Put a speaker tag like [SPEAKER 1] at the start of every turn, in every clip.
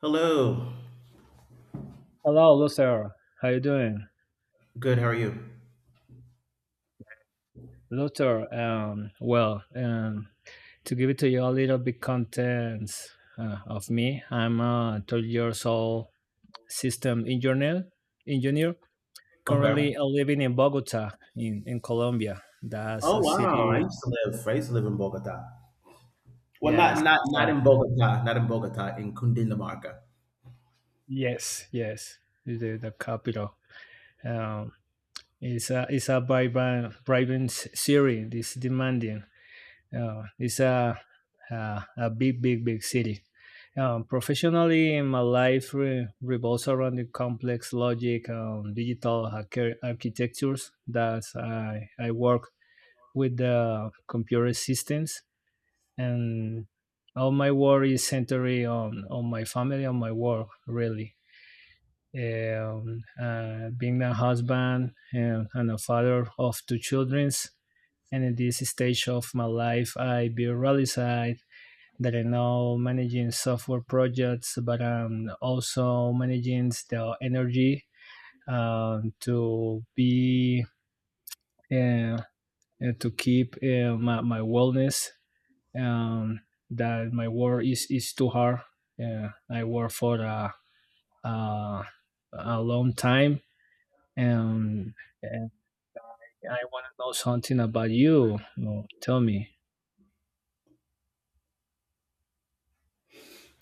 [SPEAKER 1] Hello.
[SPEAKER 2] Hello, Luther. How you doing?
[SPEAKER 1] Good. How are you?
[SPEAKER 2] Luther, well, to give it to you a little bit contents of me, I'm a 12 years old system engineer
[SPEAKER 1] Okay.
[SPEAKER 2] currently living in Bogota in Colombia. That's
[SPEAKER 1] Oh
[SPEAKER 2] a
[SPEAKER 1] wow!
[SPEAKER 2] city,
[SPEAKER 1] I used to live in Bogota. Well,
[SPEAKER 2] yes,
[SPEAKER 1] not not
[SPEAKER 2] it's a-
[SPEAKER 1] not in Bogota. Not in Bogota. In Cundinamarca.
[SPEAKER 2] yes, yes, the capital. Um, it's a vibrant city, it's demanding. It's a big, big, big city. Professionally, my life revolves around the complex logic and digital architectures that I work with the computer systems. And all my work is centered on my family, on my work, really. Being a husband and a father of two children, and in this stage of my life, I be realized that I know managing software projects, but I'm also managing the energy to be uh, to keep my wellness. Um, that my work is too hard. I work for a a long time, and, and I want to know something about you. No, tell me.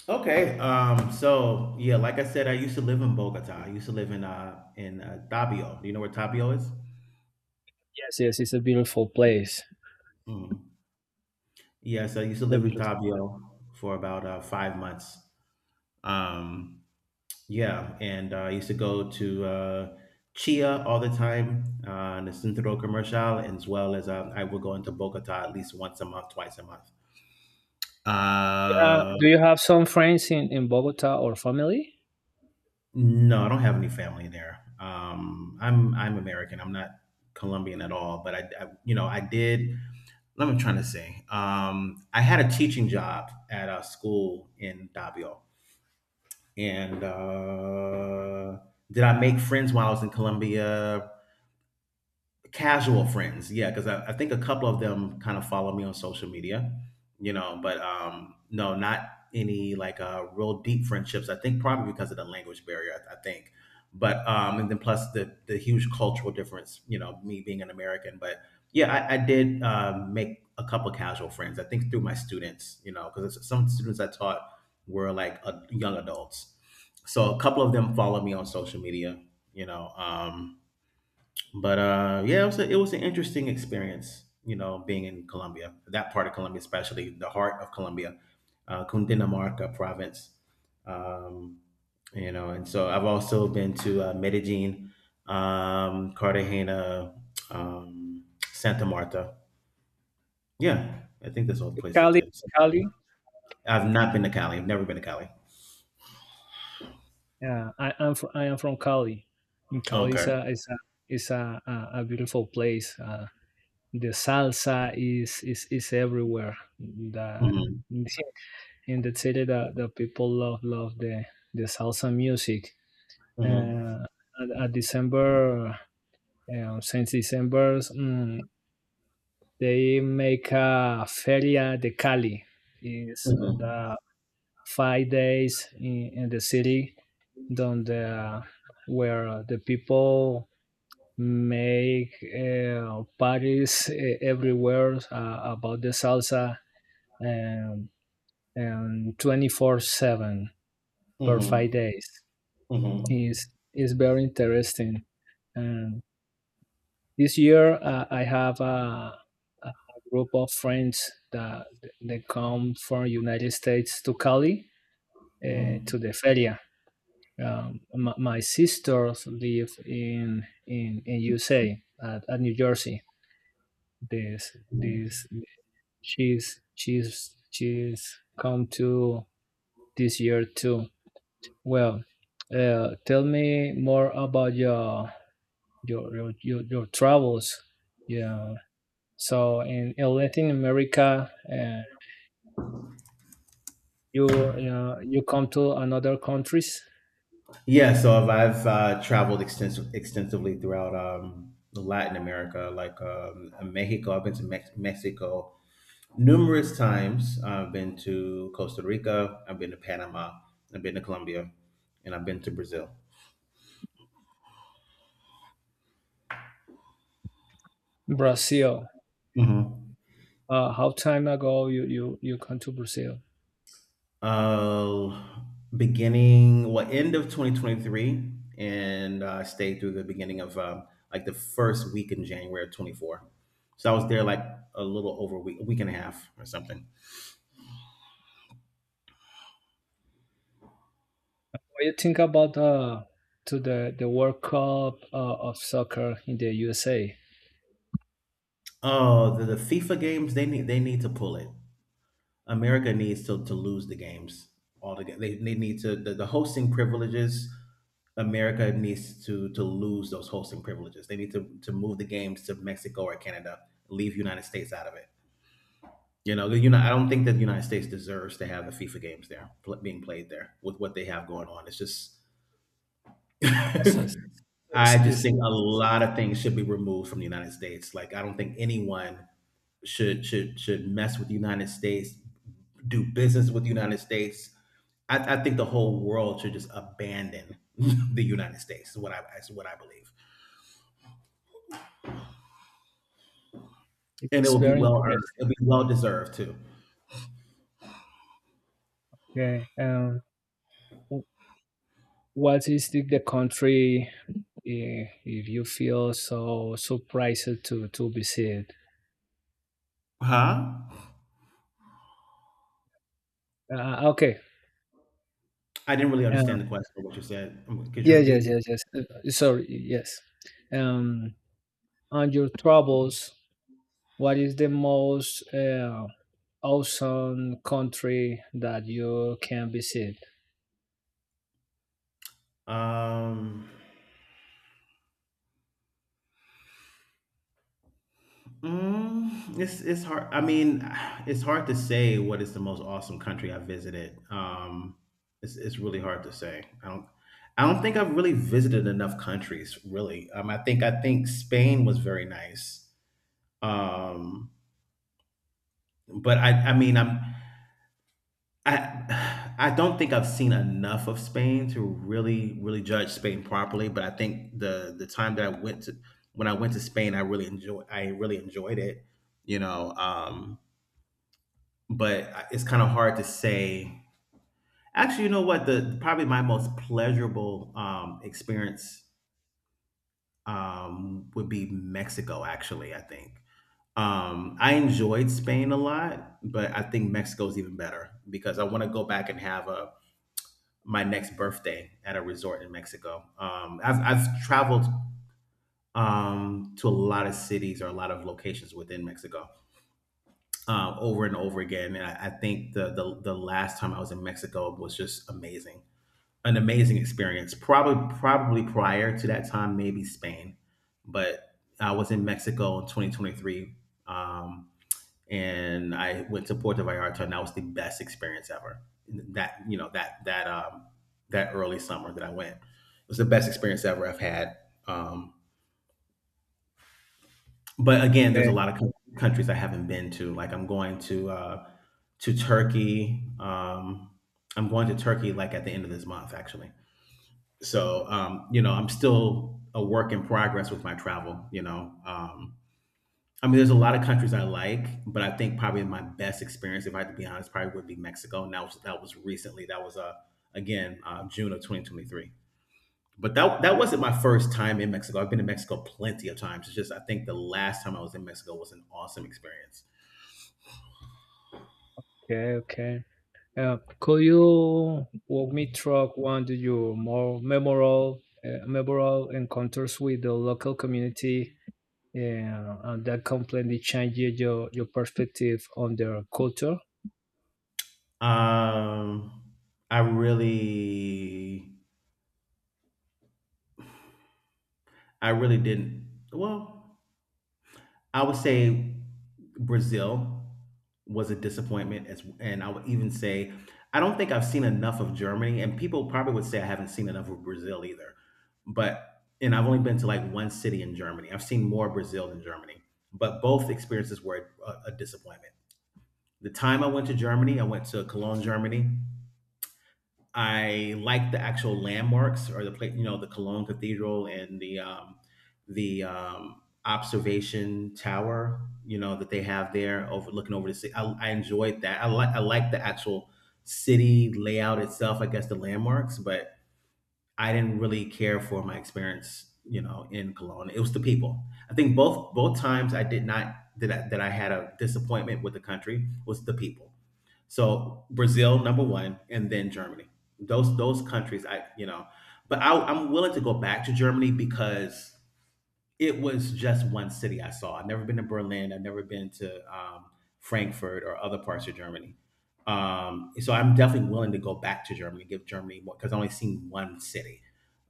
[SPEAKER 1] Okay. So yeah, like I said, I used to live in Bogota. I used to live in Tabio. Do you know where Tabio is?
[SPEAKER 2] Yes, yes, it's a beautiful place.
[SPEAKER 1] Mm. Yes, I used to
[SPEAKER 2] A
[SPEAKER 1] live in
[SPEAKER 2] beautiful.
[SPEAKER 1] Tabio for about 5 months. Um. Yeah, and I used to go to Chia all the time, the Centro Comercial, and as well as I would go into Bogota at least once a month, twice a month. Uh,
[SPEAKER 2] Do you have some friends in Bogota or family?
[SPEAKER 1] no, I don't have any family there. I'm American. I'm not Colombian at all. But I you know, I did. What am I trying to say? I had a teaching job at a school in Davao, and did I make friends while I was in Colombia? Casual friends, yeah, because I think a couple of them kind of follow me on social media, but no, not any like real deep friendships. I think probably because of the language barrier I think. But and then plus the huge cultural difference, me being an American. But yeah, I did make a couple casual friends, I think, through my students, because some students I taught were like young adults. So a couple of them follow me on social media, you know um but yeah, it was it was an interesting experience. You know, being in Colombia, that part of Colombia, especially the heart of Colombia, Cundinamarca province. Um, you know, and so I've also been to Medellin, Cartagena, um, Santa Marta. Yeah, I think that's all the places I've
[SPEAKER 2] Cali,
[SPEAKER 1] been.
[SPEAKER 2] Cali.
[SPEAKER 1] I've not been to Cali. I've never been to Cali.
[SPEAKER 2] Yeah, I am. I am from Cali. And Cali is
[SPEAKER 1] Okay.
[SPEAKER 2] a beautiful place. The salsa is everywhere. The
[SPEAKER 1] Hmm.
[SPEAKER 2] In the city, the people love the salsa music.
[SPEAKER 1] Hmm.
[SPEAKER 2] Uh, at December, since December, they make a feria de Cali. Is
[SPEAKER 1] Hmm.
[SPEAKER 2] the 5 days in the city, donde, where the people make parties everywhere about the salsa, and and 24/7 per 5
[SPEAKER 1] Hmm.
[SPEAKER 2] days
[SPEAKER 1] Hmm.
[SPEAKER 2] is is very interesting. And this year I have a group of friends that they come from United States to Cali
[SPEAKER 1] Hmm.
[SPEAKER 2] to the feria. My sisters live in USA at New Jersey. This
[SPEAKER 1] Hmm.
[SPEAKER 2] this she's come to this year too. Well, tell me more about your travels. Yeah. So in Latin America, you you come to another countries.
[SPEAKER 1] Yeah, so I've traveled extensively throughout Latin America, like Mexico. I've been to Mexico numerous times. I've been to Costa Rica. I've been to Panama. I've been to Colombia, and I've been to Brazil.
[SPEAKER 2] Brazil.
[SPEAKER 1] Mhm.
[SPEAKER 2] How time ago you come to Brazil?
[SPEAKER 1] Uh, End of 2023, and stayed through the beginning of like the first week in January of 24. So I was there like a little over a week and a half or something.
[SPEAKER 2] What you think about to the World Cup of soccer in the USA?
[SPEAKER 1] Oh, the FIFA games, they need to pull it. America needs to lose the games altogether. They need to the hosting privileges. America needs to lose those hosting privileges. They need to move the games to Mexico or Canada. Leave United States out of it. You know, you know. I don't think that the United States deserves to have the FIFA games there being played there with what they have going on. It's just.
[SPEAKER 2] So it's,
[SPEAKER 1] I
[SPEAKER 2] it's,
[SPEAKER 1] just
[SPEAKER 2] it's
[SPEAKER 1] think a lot of things should be removed from the United States. Like, I don't think anyone should mess with the United States, do business with the United States. I think the whole world should just abandon the United States. Is what I believe, and it will be
[SPEAKER 2] very
[SPEAKER 1] well
[SPEAKER 2] interesting.
[SPEAKER 1] earned. It'll be well deserved too.
[SPEAKER 2] Yeah. W- what is the country, if you feel so surprised to visit?
[SPEAKER 1] Huh?
[SPEAKER 2] Okay.
[SPEAKER 1] I didn't really
[SPEAKER 2] Um,
[SPEAKER 1] understand the question. What you said? Could you
[SPEAKER 2] yeah. Yes.
[SPEAKER 1] repeat?
[SPEAKER 2] Yes. Yes. Sorry. Yes. Um, on your travels, what is the most awesome country that you can visit?
[SPEAKER 1] Um, Mm, it's hard. I mean, it's hard to say what is the most awesome country I visited. It's really hard to say. I don't think I've really visited enough countries. Really, I think Spain was very nice. Um, but I mean I'm I I don't think I've seen enough of Spain to really judge Spain properly. But I think the time that I went to when I went to Spain, I really enjoyed it. You know. But it's kind of hard to say. Actually, you know what? The Probably my most pleasurable experience would be Mexico. Actually, I think I enjoyed Spain a lot, but I think Mexico's even better because I want to go back and have a my next birthday at a resort in Mexico. I've traveled to a lot of cities or a lot of locations within Mexico over and over again. And I think the last time I was in Mexico was just amazing. An amazing experience. Probably prior to that time, maybe Spain, but I was in Mexico in 2023, um, and I went to Puerto Vallarta, and that was the best experience ever. That you know that that that early summer that I went, it was the best experience ever I've had. Um, but again, there's a lot of countries I haven't been to. Like I'm going to Turkey. I'm going to Turkey like at the end of this month, actually. So you know, I'm still a work in progress with my travel, I mean there's a lot of countries I like, but I think probably my best experience, if I had to be honest, probably would be Mexico. And that was recently. That was again June of 2023, but that wasn't my first time in Mexico. I've been in Mexico plenty of times. It's just I think the last time I was in Mexico was an awesome experience.
[SPEAKER 2] Okay, okay. Could you walk me through one of your more memorable encounters with the local community, and that completely changed your perspective on their culture?
[SPEAKER 1] um, i really I really didn't. Well, I would say Brazil was a disappointment. As and I would even say I don't think I've seen enough of Germany, and people probably would say I haven't seen enough of Brazil either. But and I've only been to like one city in Germany. I've seen more Brazil than Germany, but both experiences were a disappointment. The time I went to Germany, I went to Cologne, Germany. I like the actual landmarks or the place, you know, the Cologne Cathedral and the observation tower, you know, that they have there overlooking over the city. I enjoyed that. I like the actual city layout itself. I guess the landmarks, but I didn't really care for my experience, you know, in Cologne. It was the people. I think both times I did not, that I had a disappointment with the country, was the people. So Brazil number one, and then Germany. Those countries, I, you know, but I'm willing to go back to Germany because it was just one city I saw. I've never been to Berlin. I've never been to Frankfurt or other parts of Germany. So I'm definitely willing to go back to Germany, give Germany more, because I only seen one city.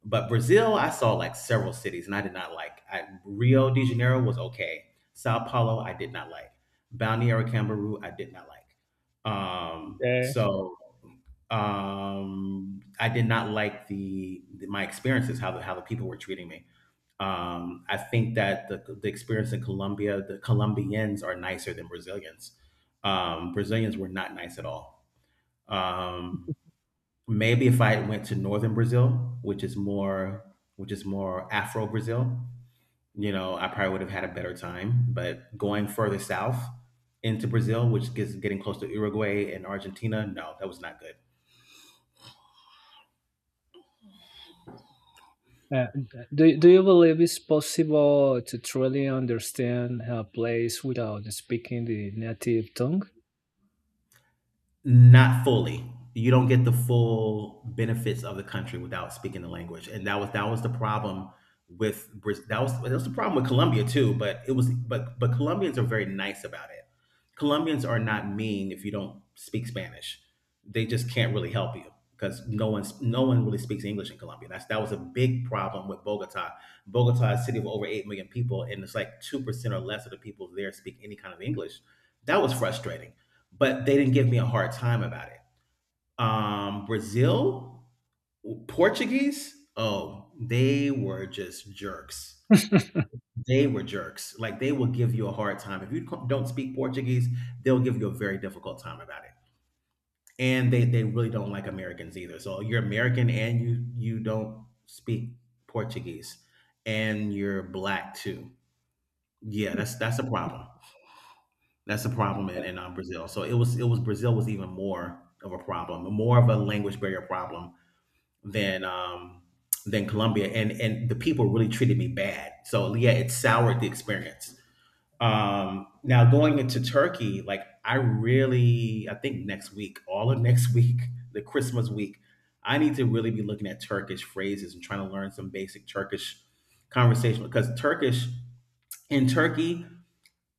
[SPEAKER 1] But Brazil, I saw like several cities and I did not like. I, Rio de Janeiro was okay. Sao Paulo, I did not like. Balneário Camboriú, I did not like. Um,
[SPEAKER 2] Yeah.
[SPEAKER 1] so I did not like the my experiences, how the people were treating me. I think that the experience in Colombia, the Colombians are nicer than Brazilians. Brazilians were not nice at all. Um, Maybe if I went to northern Brazil, which is more Afro Brazil, you know, I probably would have had a better time. But going further south into Brazil, which is getting close to Uruguay and Argentina, no, that was not good.
[SPEAKER 2] Uh, do you believe it's possible to truly understand a place without speaking the native tongue?
[SPEAKER 1] Not fully. You don't get the full benefits of the country without speaking the language, and that was the problem with that was the problem with Colombia too. But it was but Colombians are very nice about it. Colombians are not mean if you don't speak Spanish. They just can't really help you because no one really speaks English in Colombia. That was a big problem with Bogota. Bogota is a city of over 8 million people, and it's like 2% or less of the people there speak any kind of English. That was frustrating, but they didn't give me a hard time about it. Brazil, Portuguese, oh, they were just jerks. They were jerks. Like they will give you a hard time if you don't speak Portuguese. They'll give you a very difficult time about it, and they really don't like Americans either. So you're American and you don't speak Portuguese, and you're black too. Yeah, that's a problem. That's a problem in Brazil. So it was Brazil was even more of a problem, more of a language barrier problem than um, than Colombia, and the people really treated me bad. So yeah, it soured the experience. Now going into Turkey, I really, I think next week, all of next week, the Christmas week, I need to really be looking at Turkish phrases and trying to learn some basic Turkish conversation because Turkish in Turkey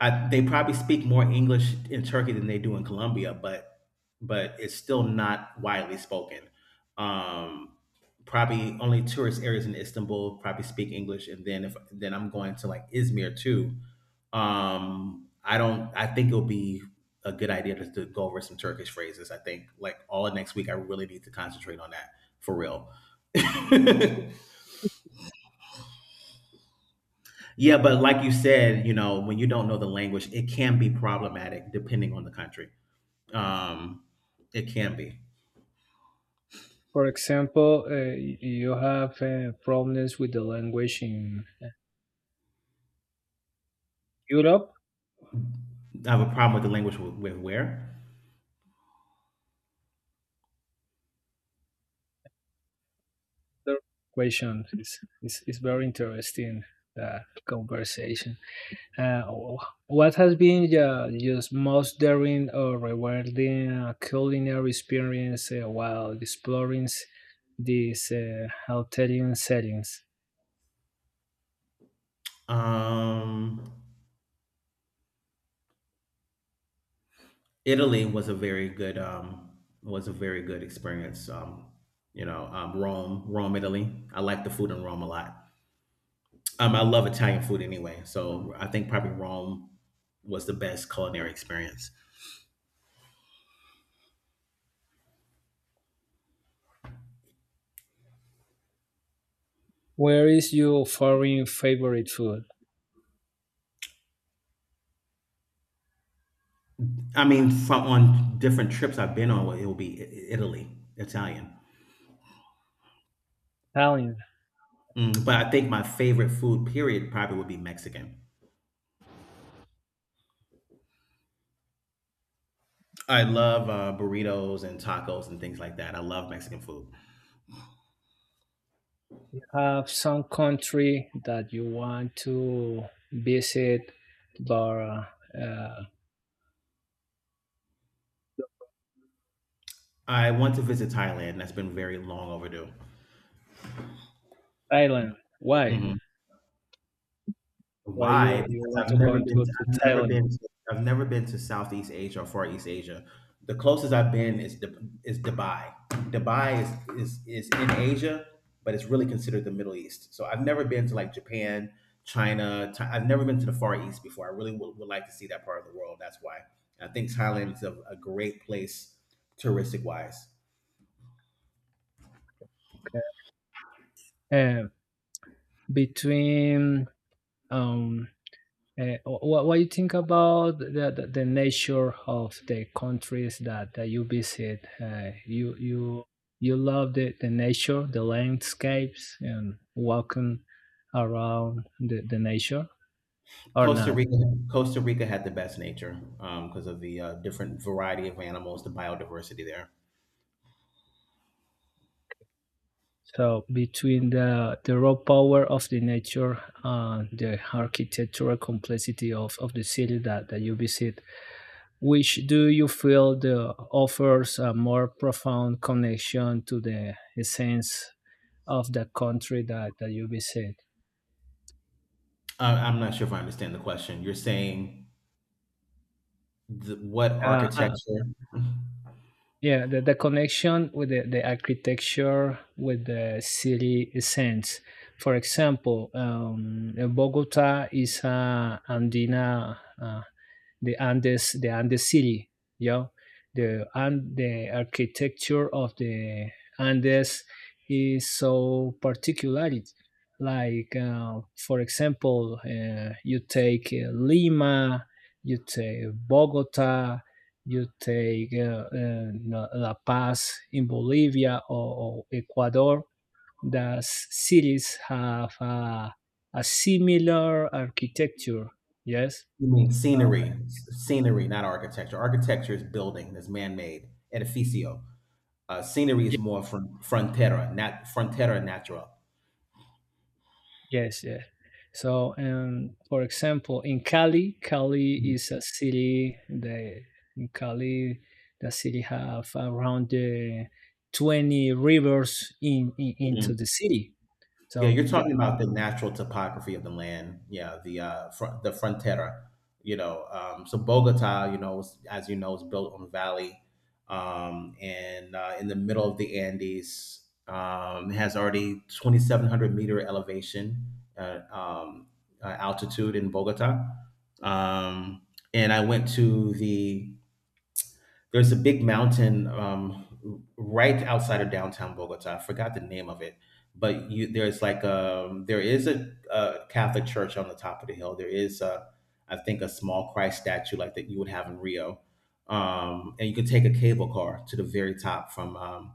[SPEAKER 1] I, they probably speak more English in Turkey than they do in Colombia, but it's still not widely spoken. Um, Probably only tourist areas in Istanbul probably speak English, and then if then I'm going to Izmir too. I don't. I think it'll be a good idea to, go over some Turkish phrases. I think like all of next week, I really need to concentrate on that for real. Yeah, but like you said, when you don't know the language, it can be problematic depending on the country. Um, it can be.
[SPEAKER 2] For example, you have problems with the language in Europe.
[SPEAKER 1] I have a problem with the language with where.
[SPEAKER 2] Another question is very interesting uh, conversation. Uh, what has been your most daring or rewarding culinary experience while exploring these Italian settings?
[SPEAKER 1] Um, Italy was a very good was a very good experience. Rome, Italy. I like the food in Rome a lot. I love Italian food anyway, so I think probably Rome was the best culinary experience.
[SPEAKER 2] Where is your foreign favorite food?
[SPEAKER 1] I mean, from on different trips I've been on, it will be Italy, Italian.
[SPEAKER 2] Italian.
[SPEAKER 1] Mm, but I think my favorite food, period, probably would be Mexican. I love burritos and tacos and things like that. I love Mexican food.
[SPEAKER 2] Have some country that you want to visit, but uh,
[SPEAKER 1] I want to visit Thailand. That's been very long overdue.
[SPEAKER 2] Thailand. Why?
[SPEAKER 1] Mhm.
[SPEAKER 2] Why you,
[SPEAKER 1] Why?
[SPEAKER 2] you
[SPEAKER 1] Because
[SPEAKER 2] want to come to, to Thailand?
[SPEAKER 1] I've never been to Southeast Asia or Far East Asia. The closest I've been is Dubai. Dubai is in Asia, but it's really considered the Middle East. So I've never been to like Japan, China. I've never been to the Far East before. I really would, like to see that part of the world. That's why I think Thailand is a, great place touristic wise.
[SPEAKER 2] uh, between um, what you think about the nature of the countries that you visit. You love the nature, the landscapes, and walking around the nature or
[SPEAKER 1] Costa
[SPEAKER 2] not.
[SPEAKER 1] Rica, Costa Rica had the best nature because of the different variety of animals, the biodiversity there.
[SPEAKER 2] So between the raw power of the nature and the architectural complexity of the city that you visit, which do you feel the offers a more profound connection to the essence of the country that you visit?
[SPEAKER 1] I'm not sure if I understand the question. You're saying the, what
[SPEAKER 2] Uh, uh,
[SPEAKER 1] architecture? You
[SPEAKER 2] yeah, the connection with the architecture, with the city essence. For example, Bogota is a Andina, the Andes city, yeah. The and the architecture of the Andes is so particular. Like, for example, you take Lima, you take Bogota, you take La Paz in Bolivia or Ecuador. The cities have a similar architecture. Yes.
[SPEAKER 1] mean scenery? Scenery, not architecture. Architecture is building. That's man-made. Edificio. Scenery is more from frontera, not frontera natural.
[SPEAKER 2] Yes, yeah. So, for example, in Cali, is a city. The In Cali, the city have around the 20 rivers in into the city.
[SPEAKER 1] Yeah,
[SPEAKER 2] So,
[SPEAKER 1] you're
[SPEAKER 2] yeah.
[SPEAKER 1] talking about the natural topography of the land. Yeah, the frontera. You know, so Bogota, you know, as you know, is built on a valley, and in the middle of the Andes. It has already 2,700 meter elevation altitude in Bogota, um, and I went to there's a big mountain right outside of downtown Bogota. I forgot the name of it, but you there's a Catholic church on the top of the hill. There is a I think a small Christ statue like that you would have in Rio, and you can take a cable car to the very top from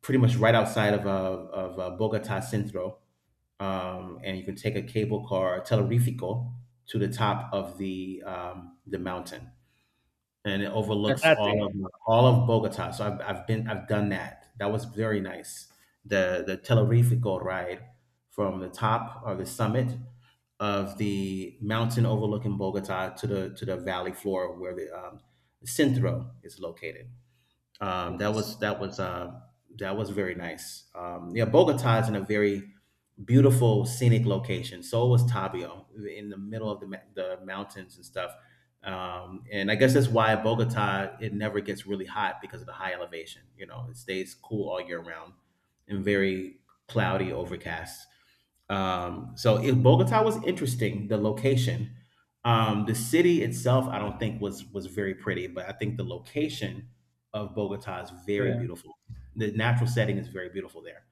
[SPEAKER 1] pretty much right outside of Bogota Centro, and you can take a cable car, Telerifico, to the top of the mountain, and it overlooks
[SPEAKER 2] Ternate.
[SPEAKER 1] all of Bogota. So I've done that. That was very nice. The Telerifico ride from the top or the summit of the mountain overlooking Bogota to the valley floor where the Centro is located. Um, that
[SPEAKER 2] Yes.
[SPEAKER 1] was that was uh, that was very nice. Yeah, Bogota is in a very beautiful scenic location. So was Tabio in the middle of the mountains and stuff. And I guess that's why Bogota it never gets really hot because of the high elevation. You know, it stays cool all year round and very cloudy, overcast. Bogota was interesting. The location, the city itself, I don't think was very pretty, but I think the location of Bogota is very
[SPEAKER 2] Yeah.
[SPEAKER 1] beautiful. The natural setting is very beautiful there.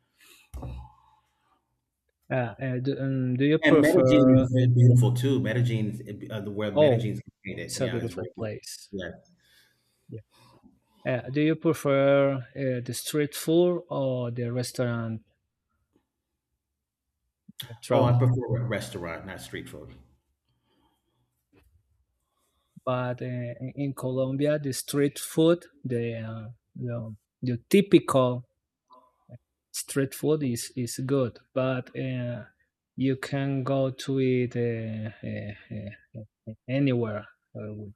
[SPEAKER 2] Uh, do you
[SPEAKER 1] And Medellin
[SPEAKER 2] prefer?
[SPEAKER 1] is very beautiful too. Medellin, the where
[SPEAKER 2] Oh,
[SPEAKER 1] Medellin is located,
[SPEAKER 2] it's a
[SPEAKER 1] yeah, it's very
[SPEAKER 2] beautiful
[SPEAKER 1] beautiful.
[SPEAKER 2] place.
[SPEAKER 1] Yeah.
[SPEAKER 2] Yeah. Do you prefer the street food or the restaurant when
[SPEAKER 1] Oh, I
[SPEAKER 2] travel?
[SPEAKER 1] prefer restaurant, not street food.
[SPEAKER 2] But in Colombia, the street food, the, the typical street food is good, but you can go to it anywhere. With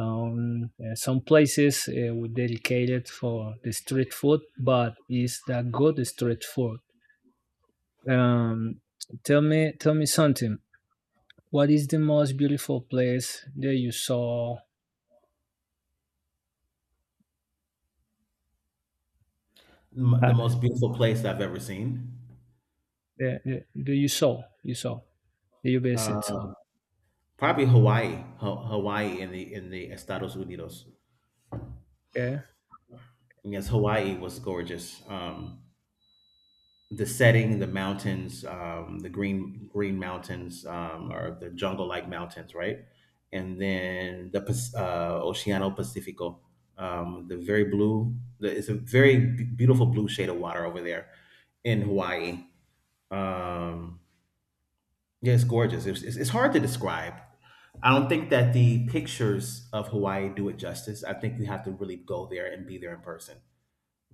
[SPEAKER 2] some places were dedicated for the street food, but it's the good street food. Um, tell me something. What is the most beautiful place that you saw? Uh,
[SPEAKER 1] The most beautiful place I've ever seen,
[SPEAKER 2] that you saw? You saw. You visit some.
[SPEAKER 1] uh, probably Hawaii. Hawaii in the Estados Unidos.
[SPEAKER 2] Okay.
[SPEAKER 1] Yes, Hawaii was gorgeous. The setting, the mountains, the green mountains, or the jungle like mountains, right? And then the Oceano Pacifico, the very blue. It's a very beautiful blue shade of water over there in Hawaii. Um, yeah, it's gorgeous. It's hard to describe. I don't think that the pictures of Hawaii do it justice. I think you have to really go there and be there in person,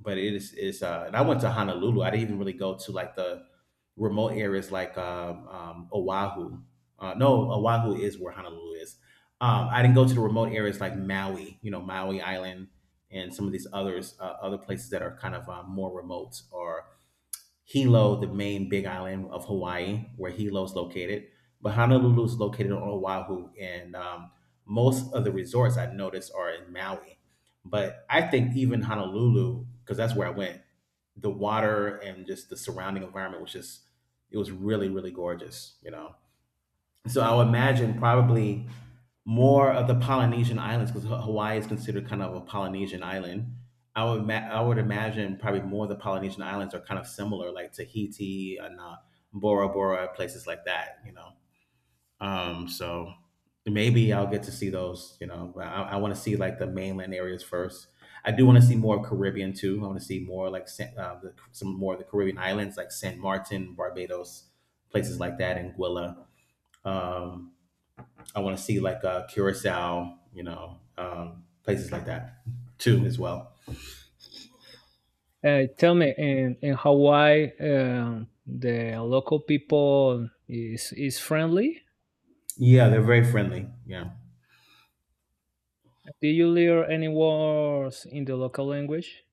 [SPEAKER 1] but it is and I went to Honolulu. I didn't even really go to like the remote areas like Oahu. No, Oahu is where Honolulu is. Um, I didn't go to the remote areas like Maui, you know, Maui Island and some of these others other places that are kind of more remote, or Hilo, the main big island of Hawaii, where Hilo is located. But Honolulu is located on Oahu, and most of the resorts I noticed are in Maui. But I think even Honolulu, because that's where I went, the water and just the surrounding environment was just, it was really, really gorgeous, you know? So I'll imagine probably more of the Polynesian islands, because Hawaii is considered kind of a Polynesian island. I would imagine probably more of the Polynesian islands are kind of similar, like Tahiti and Bora Bora, places like that. Um, so Maybe I'll get to see those. You know, but I want to see like the mainland areas first. I do want to see more Caribbean too. I want to see more like some more of the Caribbean islands, like San Martin, Barbados, places like that, and Anguilla. Um, I want to see like Curacao, you know, places like that too as well.
[SPEAKER 2] Tell me, in Hawaii, the local people is friendly.
[SPEAKER 1] Yeah, they're very friendly. Yeah,
[SPEAKER 2] Do you learn any words in the local language?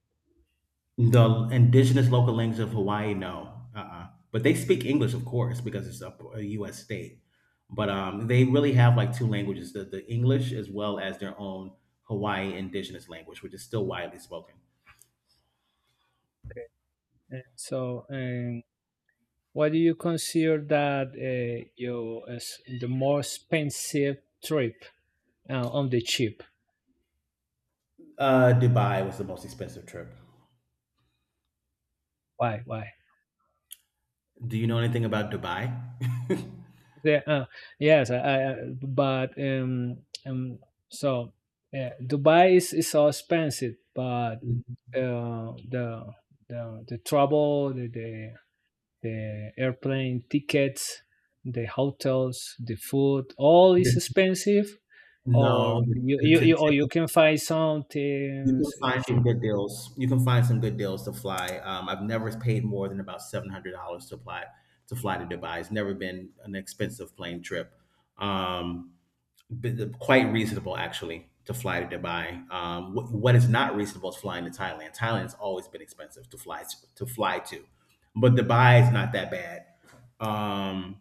[SPEAKER 1] the indigenous local language of Hawaii, no, uh-uh. But they speak English, of course, because it's a, U.S. state. But they really have like two languages: the English as well as their own Hawaii indigenous language, which is still widely spoken.
[SPEAKER 2] Okay. And so, what do you consider that your as the more expensive trip on the cheap?
[SPEAKER 1] Dubai was the most expensive trip.
[SPEAKER 2] Why? Why?
[SPEAKER 1] Do you know anything about Dubai?
[SPEAKER 2] The, uh, yes, but um, so Dubai is so expensive, but uh, the the travel, the airplane tickets, the hotels, the food, all is
[SPEAKER 1] The-
[SPEAKER 2] expensive, or
[SPEAKER 1] no,
[SPEAKER 2] you or you
[SPEAKER 1] the,
[SPEAKER 2] can find
[SPEAKER 1] You
[SPEAKER 2] something
[SPEAKER 1] can find some
[SPEAKER 2] cheap.
[SPEAKER 1] good deals. You can find some good deals to fly. I've never paid more than about $700 to fly to Dubai. It's never been an expensive plane trip. Um, quite reasonable actually to fly to Dubai. What is not reasonable is flying to Thailand. Thailand's always been expensive to fly to, but Dubai is not that bad. Um,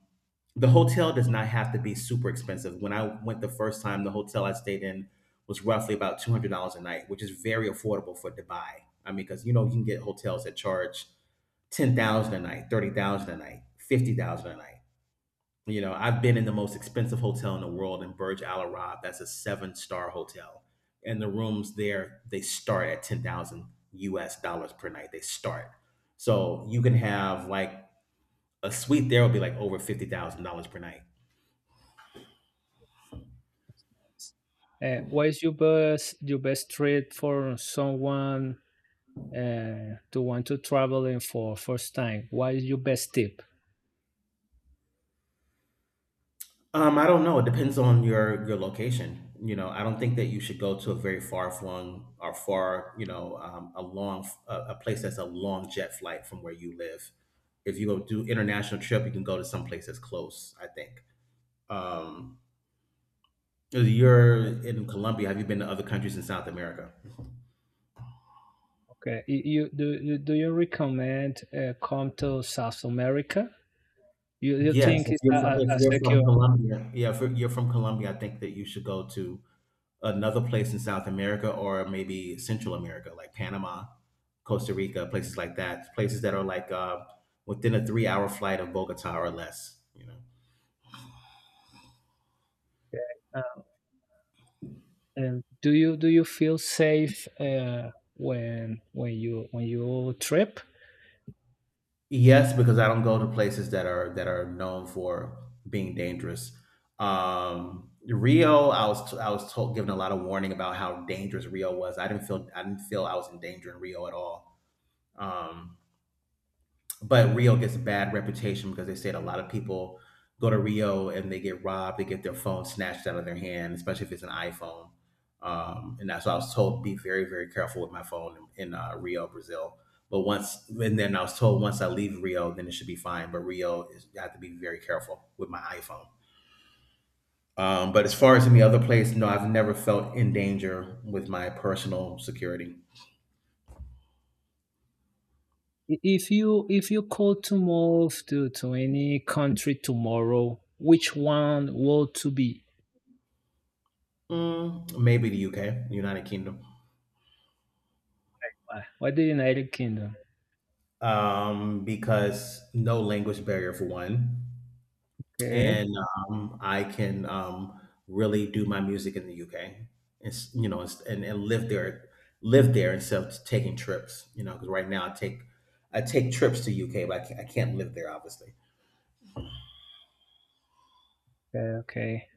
[SPEAKER 1] the hotel does not have to be super expensive. When I went the first time, the hotel I stayed in was roughly about $200 a night, which is very affordable for Dubai. I mean, because you know you can get hotels that charge 10,000 a night, 30,000 a night, 50,000 a night. You know, I've been in the most expensive hotel in the world in Burj Al Arab. That's a seven-star hotel. And the rooms there, they start at 10,000 US dollars per night. They start. So you can have like a suite there will be like over $50,000 per night.
[SPEAKER 2] What is your best trip for someone to want to traveling for first time? What is your best tip?
[SPEAKER 1] I don't know. It depends on your location. You know, I don't think that you should go to a very far flung or far, you know, a place that's a long jet flight from where you live. If you go do international trip, you can go to some place that's close, I think. Um, you're in Colombia. Have you been to other countries in South America?
[SPEAKER 2] Okay, you do you recommend come to South America? You
[SPEAKER 1] Yes,
[SPEAKER 2] think it's a, a
[SPEAKER 1] if
[SPEAKER 2] a
[SPEAKER 1] you're
[SPEAKER 2] secure?
[SPEAKER 1] from Colombia, yeah, if you're from Colombia, I think that you should go to another place in South America or maybe Central America, like Panama, Costa Rica, places like that, places that are like within a 3-hour flight of Bogota or less. You know.
[SPEAKER 2] Do you feel safe when you trip?
[SPEAKER 1] Yes, because I don't go to places that are known for being dangerous. Rio, I was told given a lot of warning about how dangerous Rio was. I didn't feel I was in danger in Rio at all. Um, but Rio gets a bad reputation because they said a lot of people go to Rio and they get robbed, they get their phone snatched out of their hand, especially if it's an iPhone. And that's why I was told be very, very careful with my phone in, Rio, Brazil. But once, and then I was told once I leave Rio, then it should be fine. But Rio, is, I have to be very careful with my iPhone. But as far as any other place, no, I've never felt in danger with my personal security.
[SPEAKER 2] If you could to move to any country tomorrow, which one would to be?
[SPEAKER 1] Mm, maybe the UK, United Kingdom.
[SPEAKER 2] Why the United Kingdom?
[SPEAKER 1] Um, because no language barrier for one,
[SPEAKER 2] Okay,
[SPEAKER 1] and I can really do my music in the UK. It's you know, it's, and live there instead of taking trips. You know, because right now I take trips to UK, but I can't live there obviously.
[SPEAKER 2] okay, okay.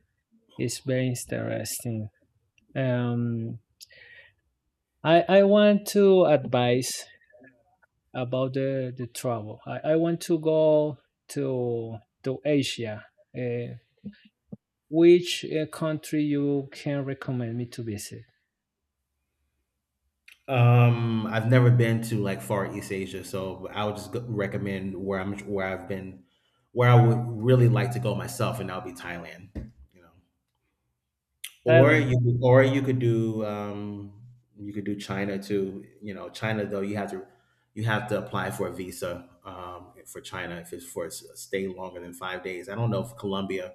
[SPEAKER 2] It's very interesting. Um, I want to advise about the travel. I want to go to Asia. Uh, which country you can recommend me to visit?
[SPEAKER 1] I've never been to like far East Asia, so I would just recommend where I'm where I've been, where I would really like to go myself, and that would be Thailand. You know.
[SPEAKER 2] Thailand.
[SPEAKER 1] Or you could do China too. You know, China though you have to apply for a visa for China if it's for a stay longer than 5 days. I don't know if Colombia.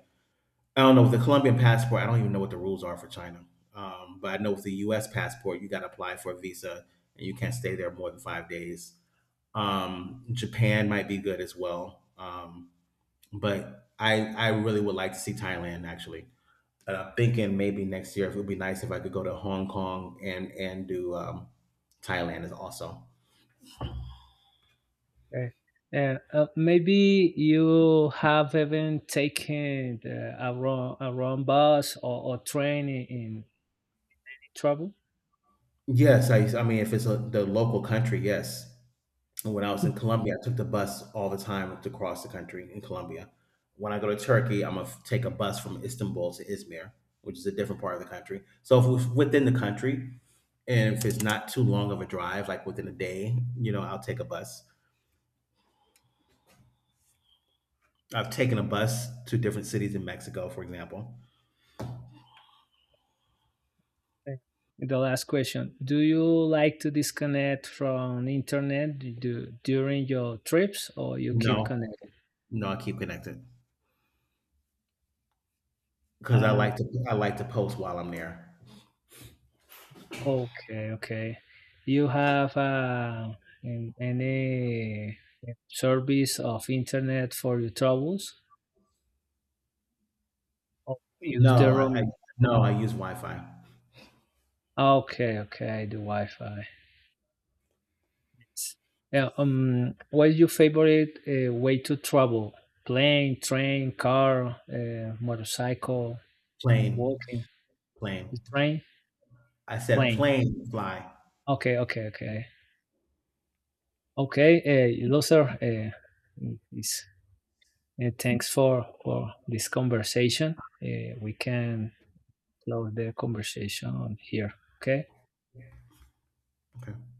[SPEAKER 1] I don't know with the Colombian passport. I don't even know what the rules are for China. But I know with the U.S. passport, you got to apply for a visa and you can't stay there more than 5 days. Japan might be good as well. But I really would like to see Thailand actually, and I'm thinking maybe next year it would be nice if I could go to Hong Kong and do Thailand is also.
[SPEAKER 2] Right. Maybe you have even taken a wrong bus or train in trouble.
[SPEAKER 1] Yes, I mean if it's a, the local country, yes. When I was in Colombia, I took the bus all the time to cross the country in Colombia. When I go to Turkey, I'm gonna take a bus from Istanbul to Izmir, which is a different part of the country. So if it's within the country, and if it's not too long of a drive, like within a day, you know, I'll take a bus. I've taken a bus to different cities in Mexico, for example.
[SPEAKER 2] Right. The last question: do you like to disconnect from internet, during your trips, or you keep
[SPEAKER 1] No,
[SPEAKER 2] connected?
[SPEAKER 1] No, I keep connected because
[SPEAKER 2] Uh,
[SPEAKER 1] I like to post while I'm there.
[SPEAKER 2] Okay, okay. You have any service of internet for your travels or just the
[SPEAKER 1] No, I
[SPEAKER 2] roaming?
[SPEAKER 1] no, I use Wi-Fi.
[SPEAKER 2] Okay, okay, the Wi-Fi. Yes. Yeah, what is your favorite way to travel? Plane, train, car, motorcycle,
[SPEAKER 1] Plane,
[SPEAKER 2] walking,
[SPEAKER 1] Plane.
[SPEAKER 2] the train,
[SPEAKER 1] I said
[SPEAKER 2] plane.
[SPEAKER 1] plane fly.
[SPEAKER 2] Okay, okay, okay. Okay, those are is. Thanks for this conversation. We can close the conversation here. Okay.
[SPEAKER 1] Okay.